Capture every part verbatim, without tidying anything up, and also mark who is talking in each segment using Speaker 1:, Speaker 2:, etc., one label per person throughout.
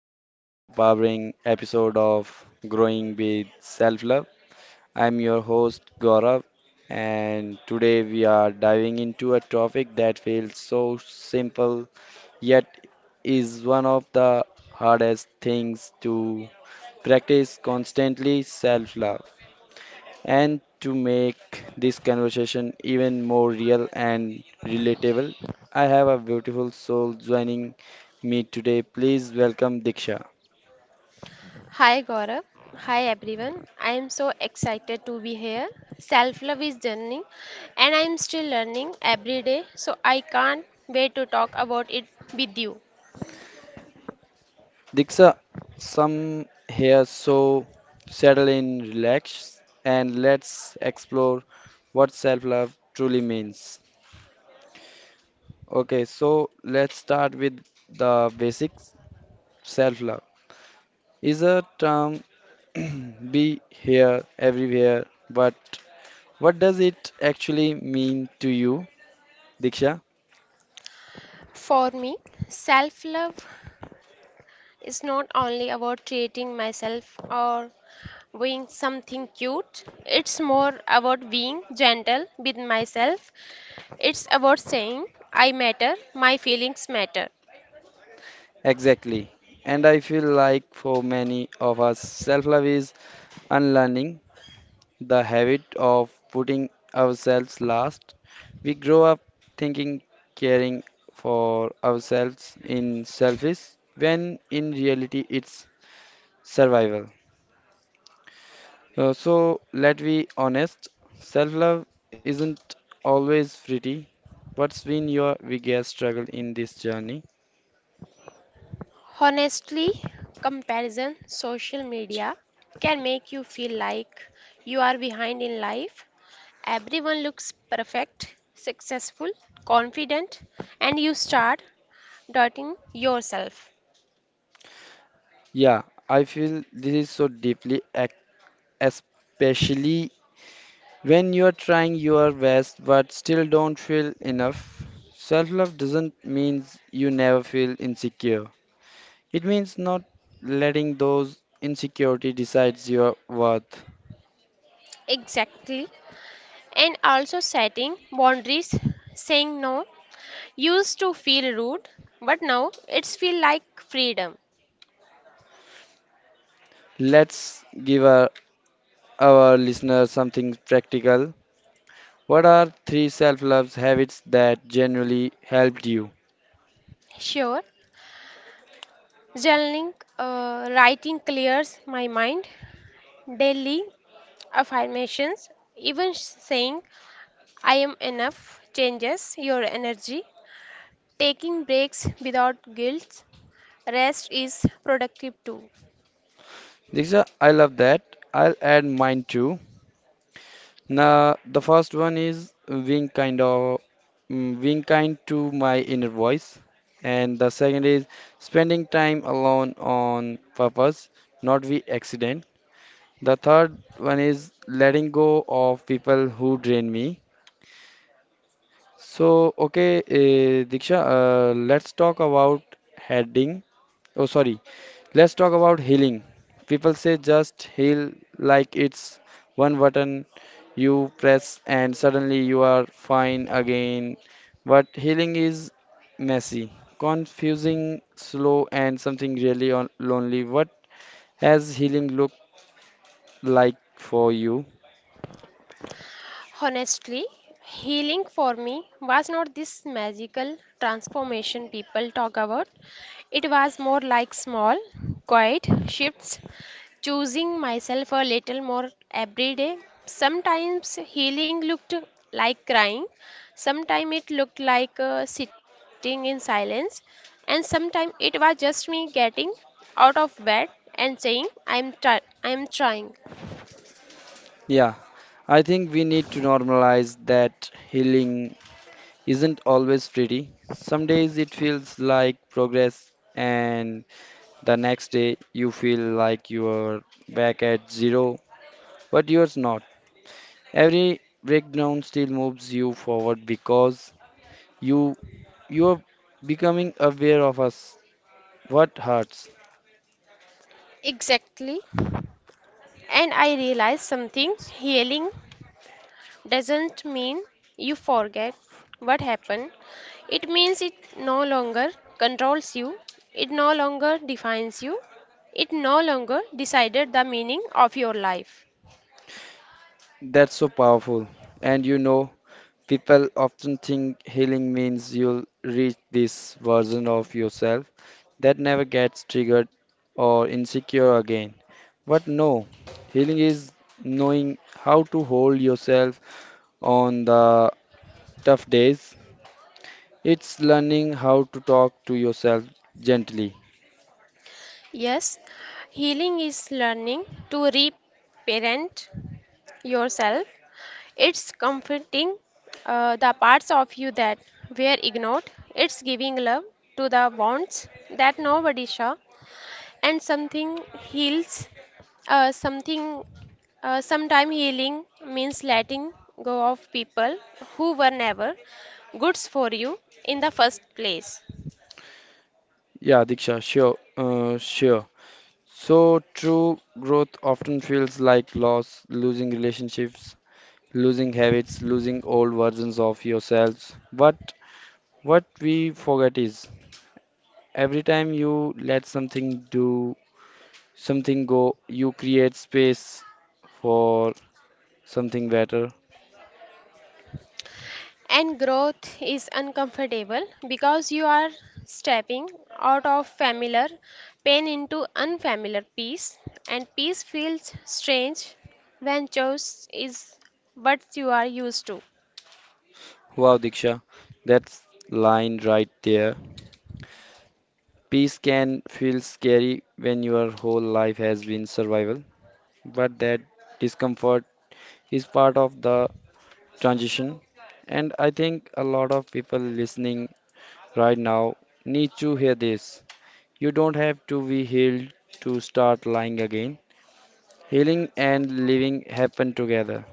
Speaker 1: another empowering episode of Growing with Self Love. I'm your host, Gaurav, and today we are diving into a topic that feels so simple yet is one of the hardest things to practice constantly self love. And to make this conversation even more real and relatable, I have a beautiful soul joining me today. Please welcome Diksha.
Speaker 2: Hi Gaurav. Hi everyone. I am so excited to be here. Self love is journey and I am still learning every day, so I can't wait to talk about it with you.
Speaker 1: Diksha, some here, so settle in, relax, and let's explore what self love truly means. Okay, so let's start with the basics. Self love is a term be here, everywhere, but what does it actually mean to you, Diksha?
Speaker 2: For me, self love is not only about treating myself or doing something cute. It's more about being gentle with myself. It's about saying I matter, my feelings matter.
Speaker 1: Exactly. And I feel like for many of us, self love is unlearning the habit of putting ourselves last. We grow up thinking caring for ourselves in selfish, when in reality it's survival. Uh, so let be honest, self love isn't always pretty. What's been your biggest struggle in this journey?
Speaker 2: Honestly, comparison, social media can make you feel like you are behind in life. Everyone looks perfect, successful, confident, and you start doubting yourself.
Speaker 1: Yeah, I feel this is so deeply, ac- especially when you are trying your best but still don't feel enough. Self love doesn't mean you never feel insecure, it means not letting those insecurity decides your worth.
Speaker 2: Exactly. And also setting boundaries, saying no. Used to feel rude, but now it's feel like freedom.
Speaker 1: Let's give our, our listeners something practical. What are three self love habits that genuinely helped you?
Speaker 2: Sure, journaling, uh, writing clears my mind. Daily affirmations, even saying I am enough changes your energy. Taking breaks without guilt, rest is productive too.
Speaker 1: Diksha, I love that. I'll add mine too. Now, the first one is being kind of mm, being kind to my inner voice, and the second is spending time alone on purpose, not by accident. The third one is letting go of people who drain me. So, okay, uh, Diksha, uh, let's talk about heading. Oh, sorry. Let's talk about healing. People say just heal like it's one button you press and suddenly you are fine again. But healing is messy, confusing, slow, and something really on lonely. What has healing looked like for you?
Speaker 2: Honestly, healing for me was not this magical transformation people talk about. It was more like small, quiet shifts choosing myself a little more every day. Sometimes healing looked like crying, sometimes it looked like uh, sitting in silence, and sometimes it was just me getting out of bed and saying, I'm, try- I'm trying.
Speaker 1: Yeah, I think we need to normalize that healing isn't always pretty. Some days it feels like progress, and the next day, you feel like you're back at zero, but you're not. Every breakdown still moves you forward because you you're becoming aware of us. What hurts?
Speaker 2: Exactly. And I realized something healing doesn't mean you forget what happened. It means it no longer controls you, it no longer defines you, it no longer decided the meaning of your life.
Speaker 1: That's so powerful. And you know, people often think healing means you'll reach this version of yourself that never gets triggered or insecure again. But no, healing is knowing how to hold yourself on the tough days. It's learning how to talk to yourself gently.
Speaker 2: Yes, healing is learning to reparent yourself. It's comforting uh, the parts of you that were ignored. It's giving love to the wounds that nobody saw. And something heals uh, something uh, sometime healing means letting go of people who were never goods for you in the first place.
Speaker 1: Yeah, Diksha, sure, uh, sure. So true growth often feels like loss, losing relationships, losing habits, losing old versions of yourselves. But what we forget is every time you let something do, something go, you create space for something better.
Speaker 2: And growth is uncomfortable because you are stepping out of familiar pain into unfamiliar peace, and peace feels strange when choice is what you are used to.
Speaker 1: Wow, Diksha, that's line right there. Peace can feel scary when your whole life has been survival, but that discomfort is part of the transition. And I think a lot of people listening right now need to hear this. You don't have to be healed to start lying again. Healing and living happen together.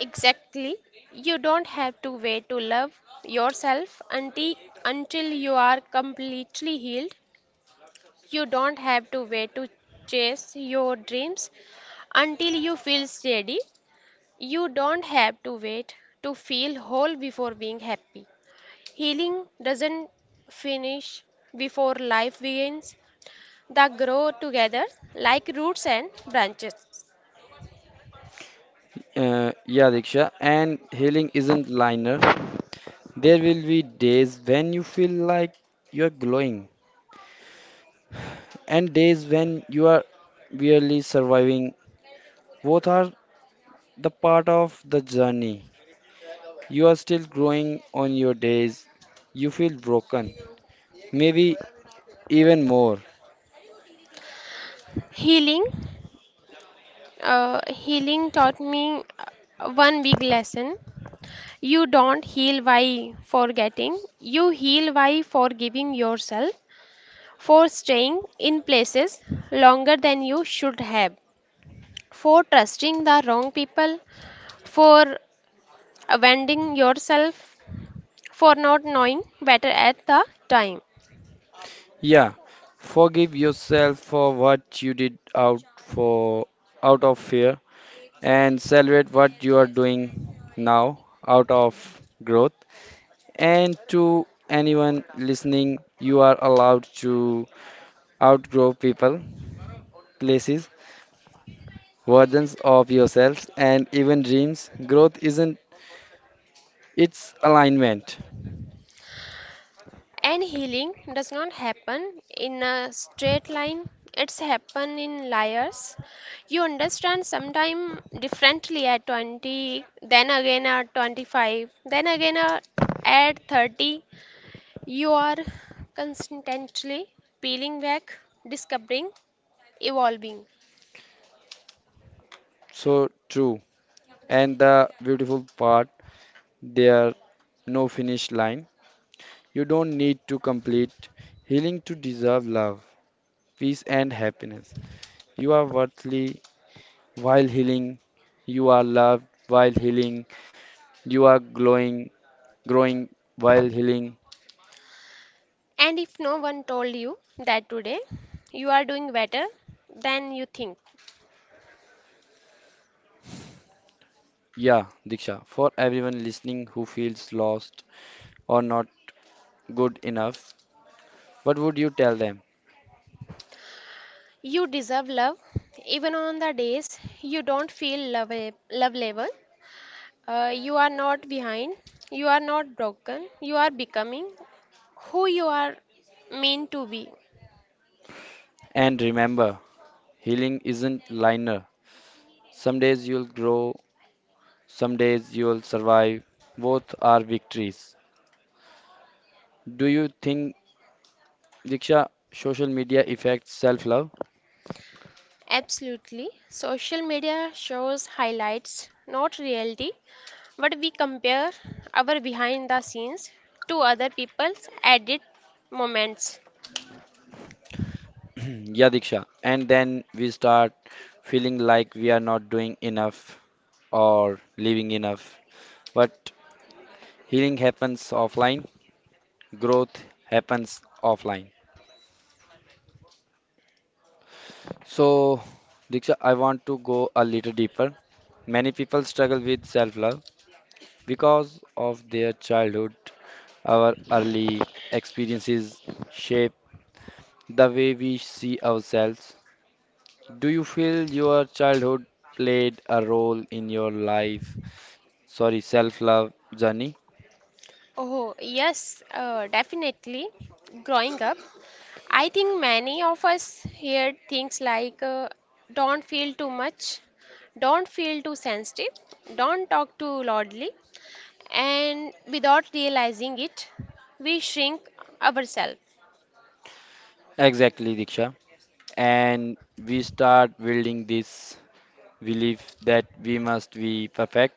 Speaker 2: Exactly. You don't have to wait to love yourself until, until you are completely healed. You don't have to wait to chase your dreams until you feel steady. You don't have to wait to feel whole before being happy. Healing doesn't finish before life begins. They grow together like roots and branches.
Speaker 1: Uh, yeah, Diksha, and healing isn't linear. There will be days when you feel like you're glowing and days when you are barely surviving. Both are the part of the journey. You are still growing on your days. You feel broken, maybe even more.
Speaker 2: Healing Uh, healing taught me uh, one big lesson. You don't heal by forgetting, you heal by forgiving yourself for staying in places longer than you should have, for trusting the wrong people, for abandoning yourself, for not knowing better at the time.
Speaker 1: Yeah, forgive yourself for what you did out for out of fear and celebrate what you are doing now out of growth. And to anyone listening, you are allowed to outgrow people, places, versions of yourselves, and even dreams. Growth isn't its alignment.
Speaker 2: And healing does not happen in a straight line. It's happen in layers. You understand sometime differently at twenty, then again at twenty-five, then again uh, at thirty. You are constantly peeling back, discovering, evolving.
Speaker 1: So true. And the beautiful part there no finish line. You don't need to complete healing to deserve love, peace, and happiness. You are worthy while healing. You are loved while healing. You are glowing, growing while healing.
Speaker 2: And if no one told you that, today you are doing better than you think.
Speaker 1: Yeah, Diksha, for everyone listening who feels lost or not good enough, what would you tell them?
Speaker 2: You deserve love, even on the days you don't feel love, love level. Uh, you are not behind, you are not broken, you are becoming who you are meant to be.
Speaker 1: And remember, healing isn't linear. Some days you'll grow, some days you'll survive. Both are victories. Do you think, Diksha, social media affects self love?
Speaker 2: Absolutely. Social media shows highlights, not reality, but we compare our behind the scenes to other people's edit moments.
Speaker 1: yeah, Diksha. And then we start feeling like we are not doing enough or living enough. But healing happens offline, growth happens offline. So, Diksha, I want to go a little deeper. Many people struggle with self love because of their childhood, our early experiences shape the way we see ourselves. Do you feel your childhood played a role in your life? Sorry, self-love journey?
Speaker 2: Oh, yes, uh, definitely. Growing up, I think many of us hear things like uh, don't feel too much, don't feel too sensitive, don't talk too loudly, and without realizing it, we shrink ourselves.
Speaker 1: Exactly, Diksha. And we start building this belief that we must be perfect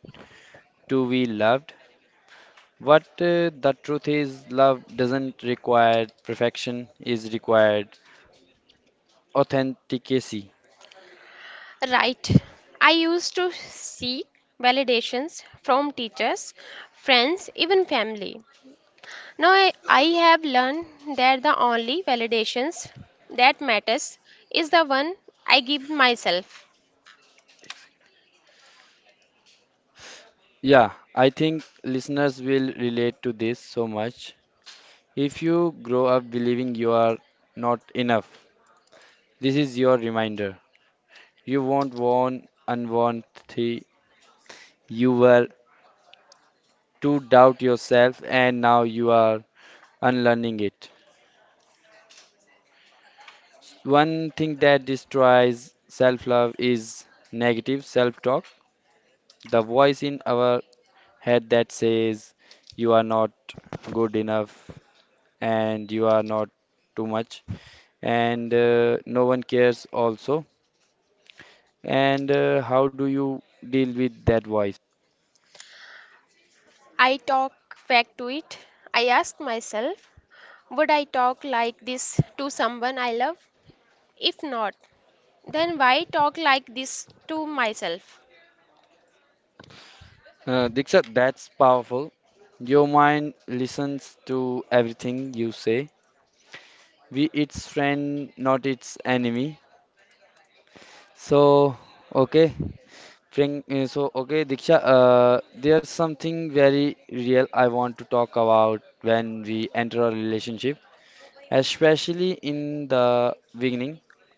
Speaker 1: to be loved. What uh, the truth is, love doesn't require perfection, is required authenticity.
Speaker 2: Right. I used to seek validations from teachers, friends, even family. Now I, I have learned that the only validations that matters is the one I give myself.
Speaker 1: Yeah, I think listeners will relate to this so much. If you grow up believing you are not enough, this is your reminder. You won't want unwanted. You were to doubt yourself, and now you are unlearning it. One thing that destroys self love is negative self talk, the voice in our head that says you are not good enough and you are not too much and uh, no one cares also. And uh, how do you deal with that voice?
Speaker 2: I talk back to it. I ask myself, would I talk like this to someone I love? If not, then why talk like this to myself?
Speaker 1: Uh, Diksha, that's powerful. Your mind listens to everything you say. We its friend, not its enemy. So, okay. Frank, uh, so okay, Diksha, uh, there's something very real I want to talk about when we enter a relationship. Especially in the beginning.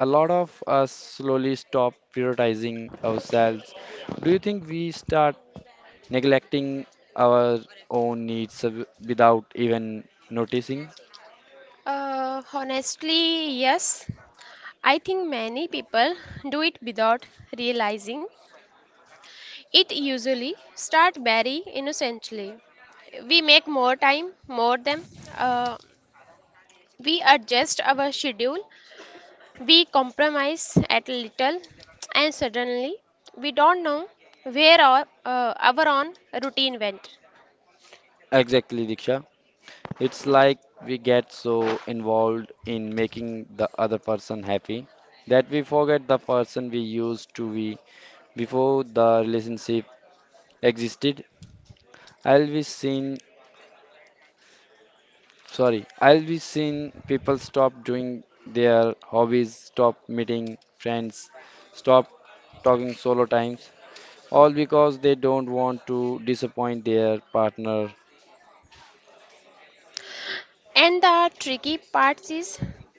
Speaker 1: A lot of us slowly stop prioritizing ourselves. Do you think we start neglecting our own needs of- without even noticing?
Speaker 2: Uh, honestly, yes. I think many people do it without realizing. It usually start very innocently. We make more time, more them. Uh, we adjust our schedule. We compromise at little, and suddenly we don't know where our, uh, our own routine went.
Speaker 1: Exactly, Diksha. It's like we get so involved in making the other person happy that we forget the person we used to be before the relationship existed. I'll be seen sorry I'll be seeing people stop doing their hobbies, stop meeting friends, stop talking solo times, all because they don't want to disappoint their partner.
Speaker 2: And the tricky part is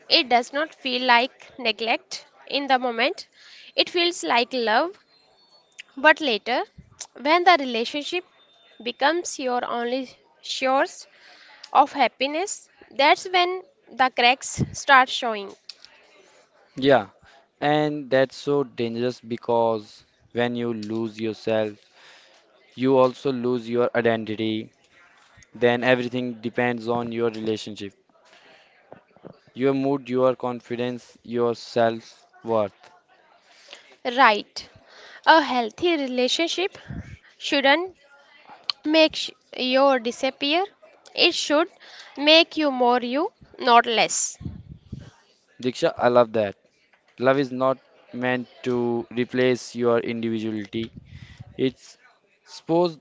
Speaker 2: it does not feel like neglect in the moment, it feels like love. But later, when the relationship becomes your only source of happiness, that's when the cracks start showing.
Speaker 1: Yeah, and that's so dangerous because when you lose yourself you also lose your identity, then everything depends on your relationship, your mood, your confidence, your self worth.
Speaker 2: Right. A healthy relationship shouldn't make sh- your disappear. It should make you more you, not less.
Speaker 1: Diksha, I love that. Love is not meant to replace your individuality. It's supposed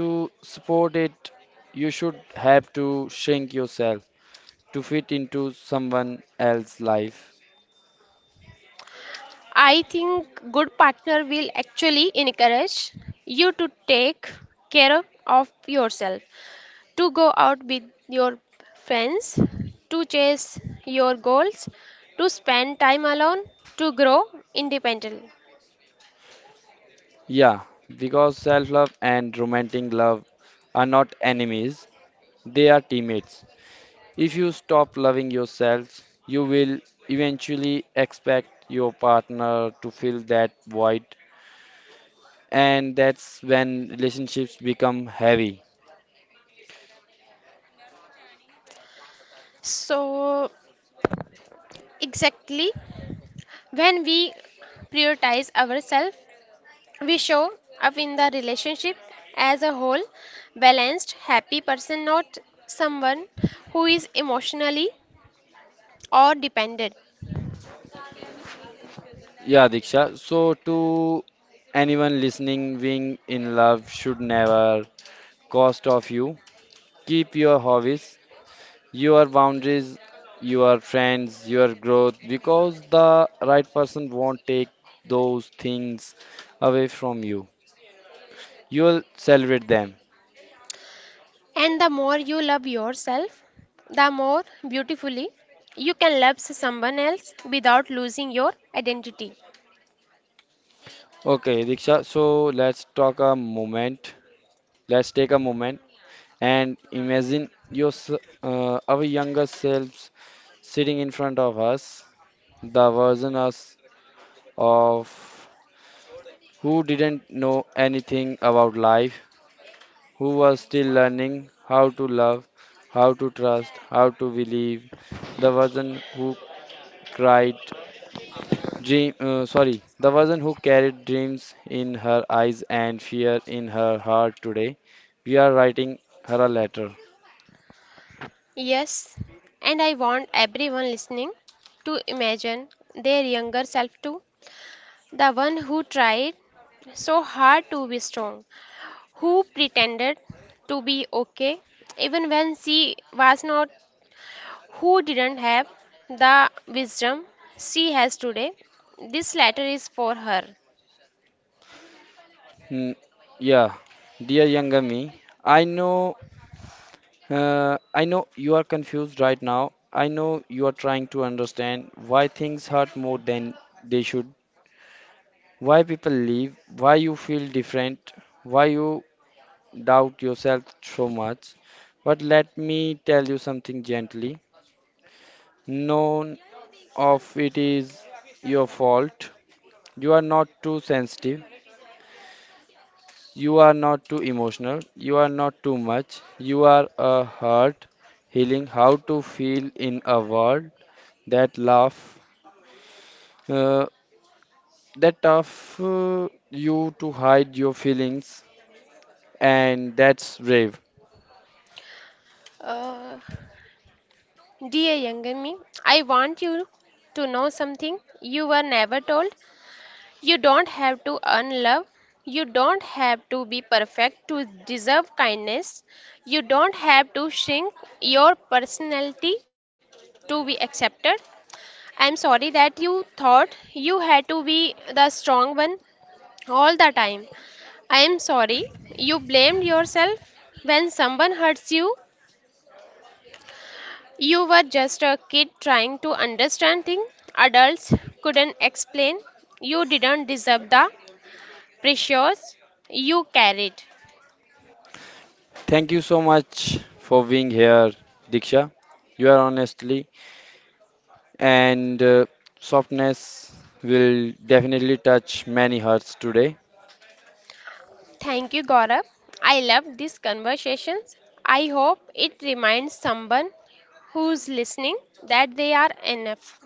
Speaker 1: to support it. You should have to shrink yourself to fit into someone else's life.
Speaker 2: I think good partner will actually encourage you to take care of yourself, to go out with your friends, to chase your goals, to spend time alone, to grow independently.
Speaker 1: Yeah, because self love and romantic love are not enemies, they are teammates. If you stop loving yourself, you will eventually expect your partner to fill that void, and that's when relationships become heavy.
Speaker 2: So exactly, when we prioritize ourselves, we show up in the relationship as a whole, balanced, happy person, not someone who is emotionally or dependent.
Speaker 1: Yeah, Diksha. So, to anyone listening, being in love should never cost of you. Keep your hobbies, your boundaries, your friends, your growth, because the right person won't take those things away from you. You'll celebrate them.
Speaker 2: And the more you love yourself, the more beautifully you can love someone else without losing your identity.
Speaker 1: Okay, Diksha. So let's talk a moment. Let's take a moment and imagine your s- uh, our younger selves sitting in front of us, the version us of who didn't know anything about life, who was still learning how to love, how to trust, how to believe. The person who cried dream uh, sorry, the person who carried dreams in her eyes and fear in her heart today. We are writing her a letter.
Speaker 2: Yes, and I want everyone listening to imagine their younger self too, the one who tried so hard to be strong, who pretended to be okay even when she was not, who didn't have the wisdom she has today. This letter is for her.
Speaker 1: Hmm, yeah, dear younger me, I know Uh, I know you are confused right now. I know you are trying to understand why things hurt more than they should, why people leave, why you feel different, why you doubt yourself so much. But let me tell you something gently. None of it is your fault. You are not too sensitive. You are not too emotional. You are not too much. You are a heart healing how to feel in a world that laughs Uh, that tough uh, you to hide your feelings, and that's brave.
Speaker 2: Uh, dear younger me, I want you to know something you were never told. You don't have to earn love. You don't have to be perfect to deserve kindness. You don't have to shrink your personality to be accepted. I'm sorry that you thought you had to be the strong one all the time. I'm sorry you blamed yourself when someone hurts you. You were just a kid trying to understand things adults couldn't explain. You didn't deserve the pressures you carried.
Speaker 1: Thank you so much for being here, Diksha. You are honestly, and uh, softness will definitely touch many hearts today.
Speaker 2: Thank you, Gaurav. I love these conversations. I hope it reminds someone who's listening that they are enough.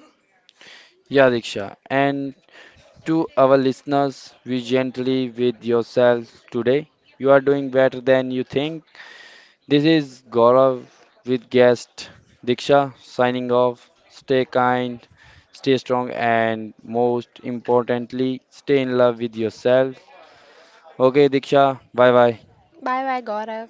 Speaker 1: Yeah, Diksha. And to our listeners, be gently with yourself today. You are doing better than you think. This is Gaurav with guest Diksha signing off. Stay kind, stay strong, and most importantly, stay in love with yourself. Okay, Diksha, bye bye.
Speaker 2: Bye bye, Gaurav.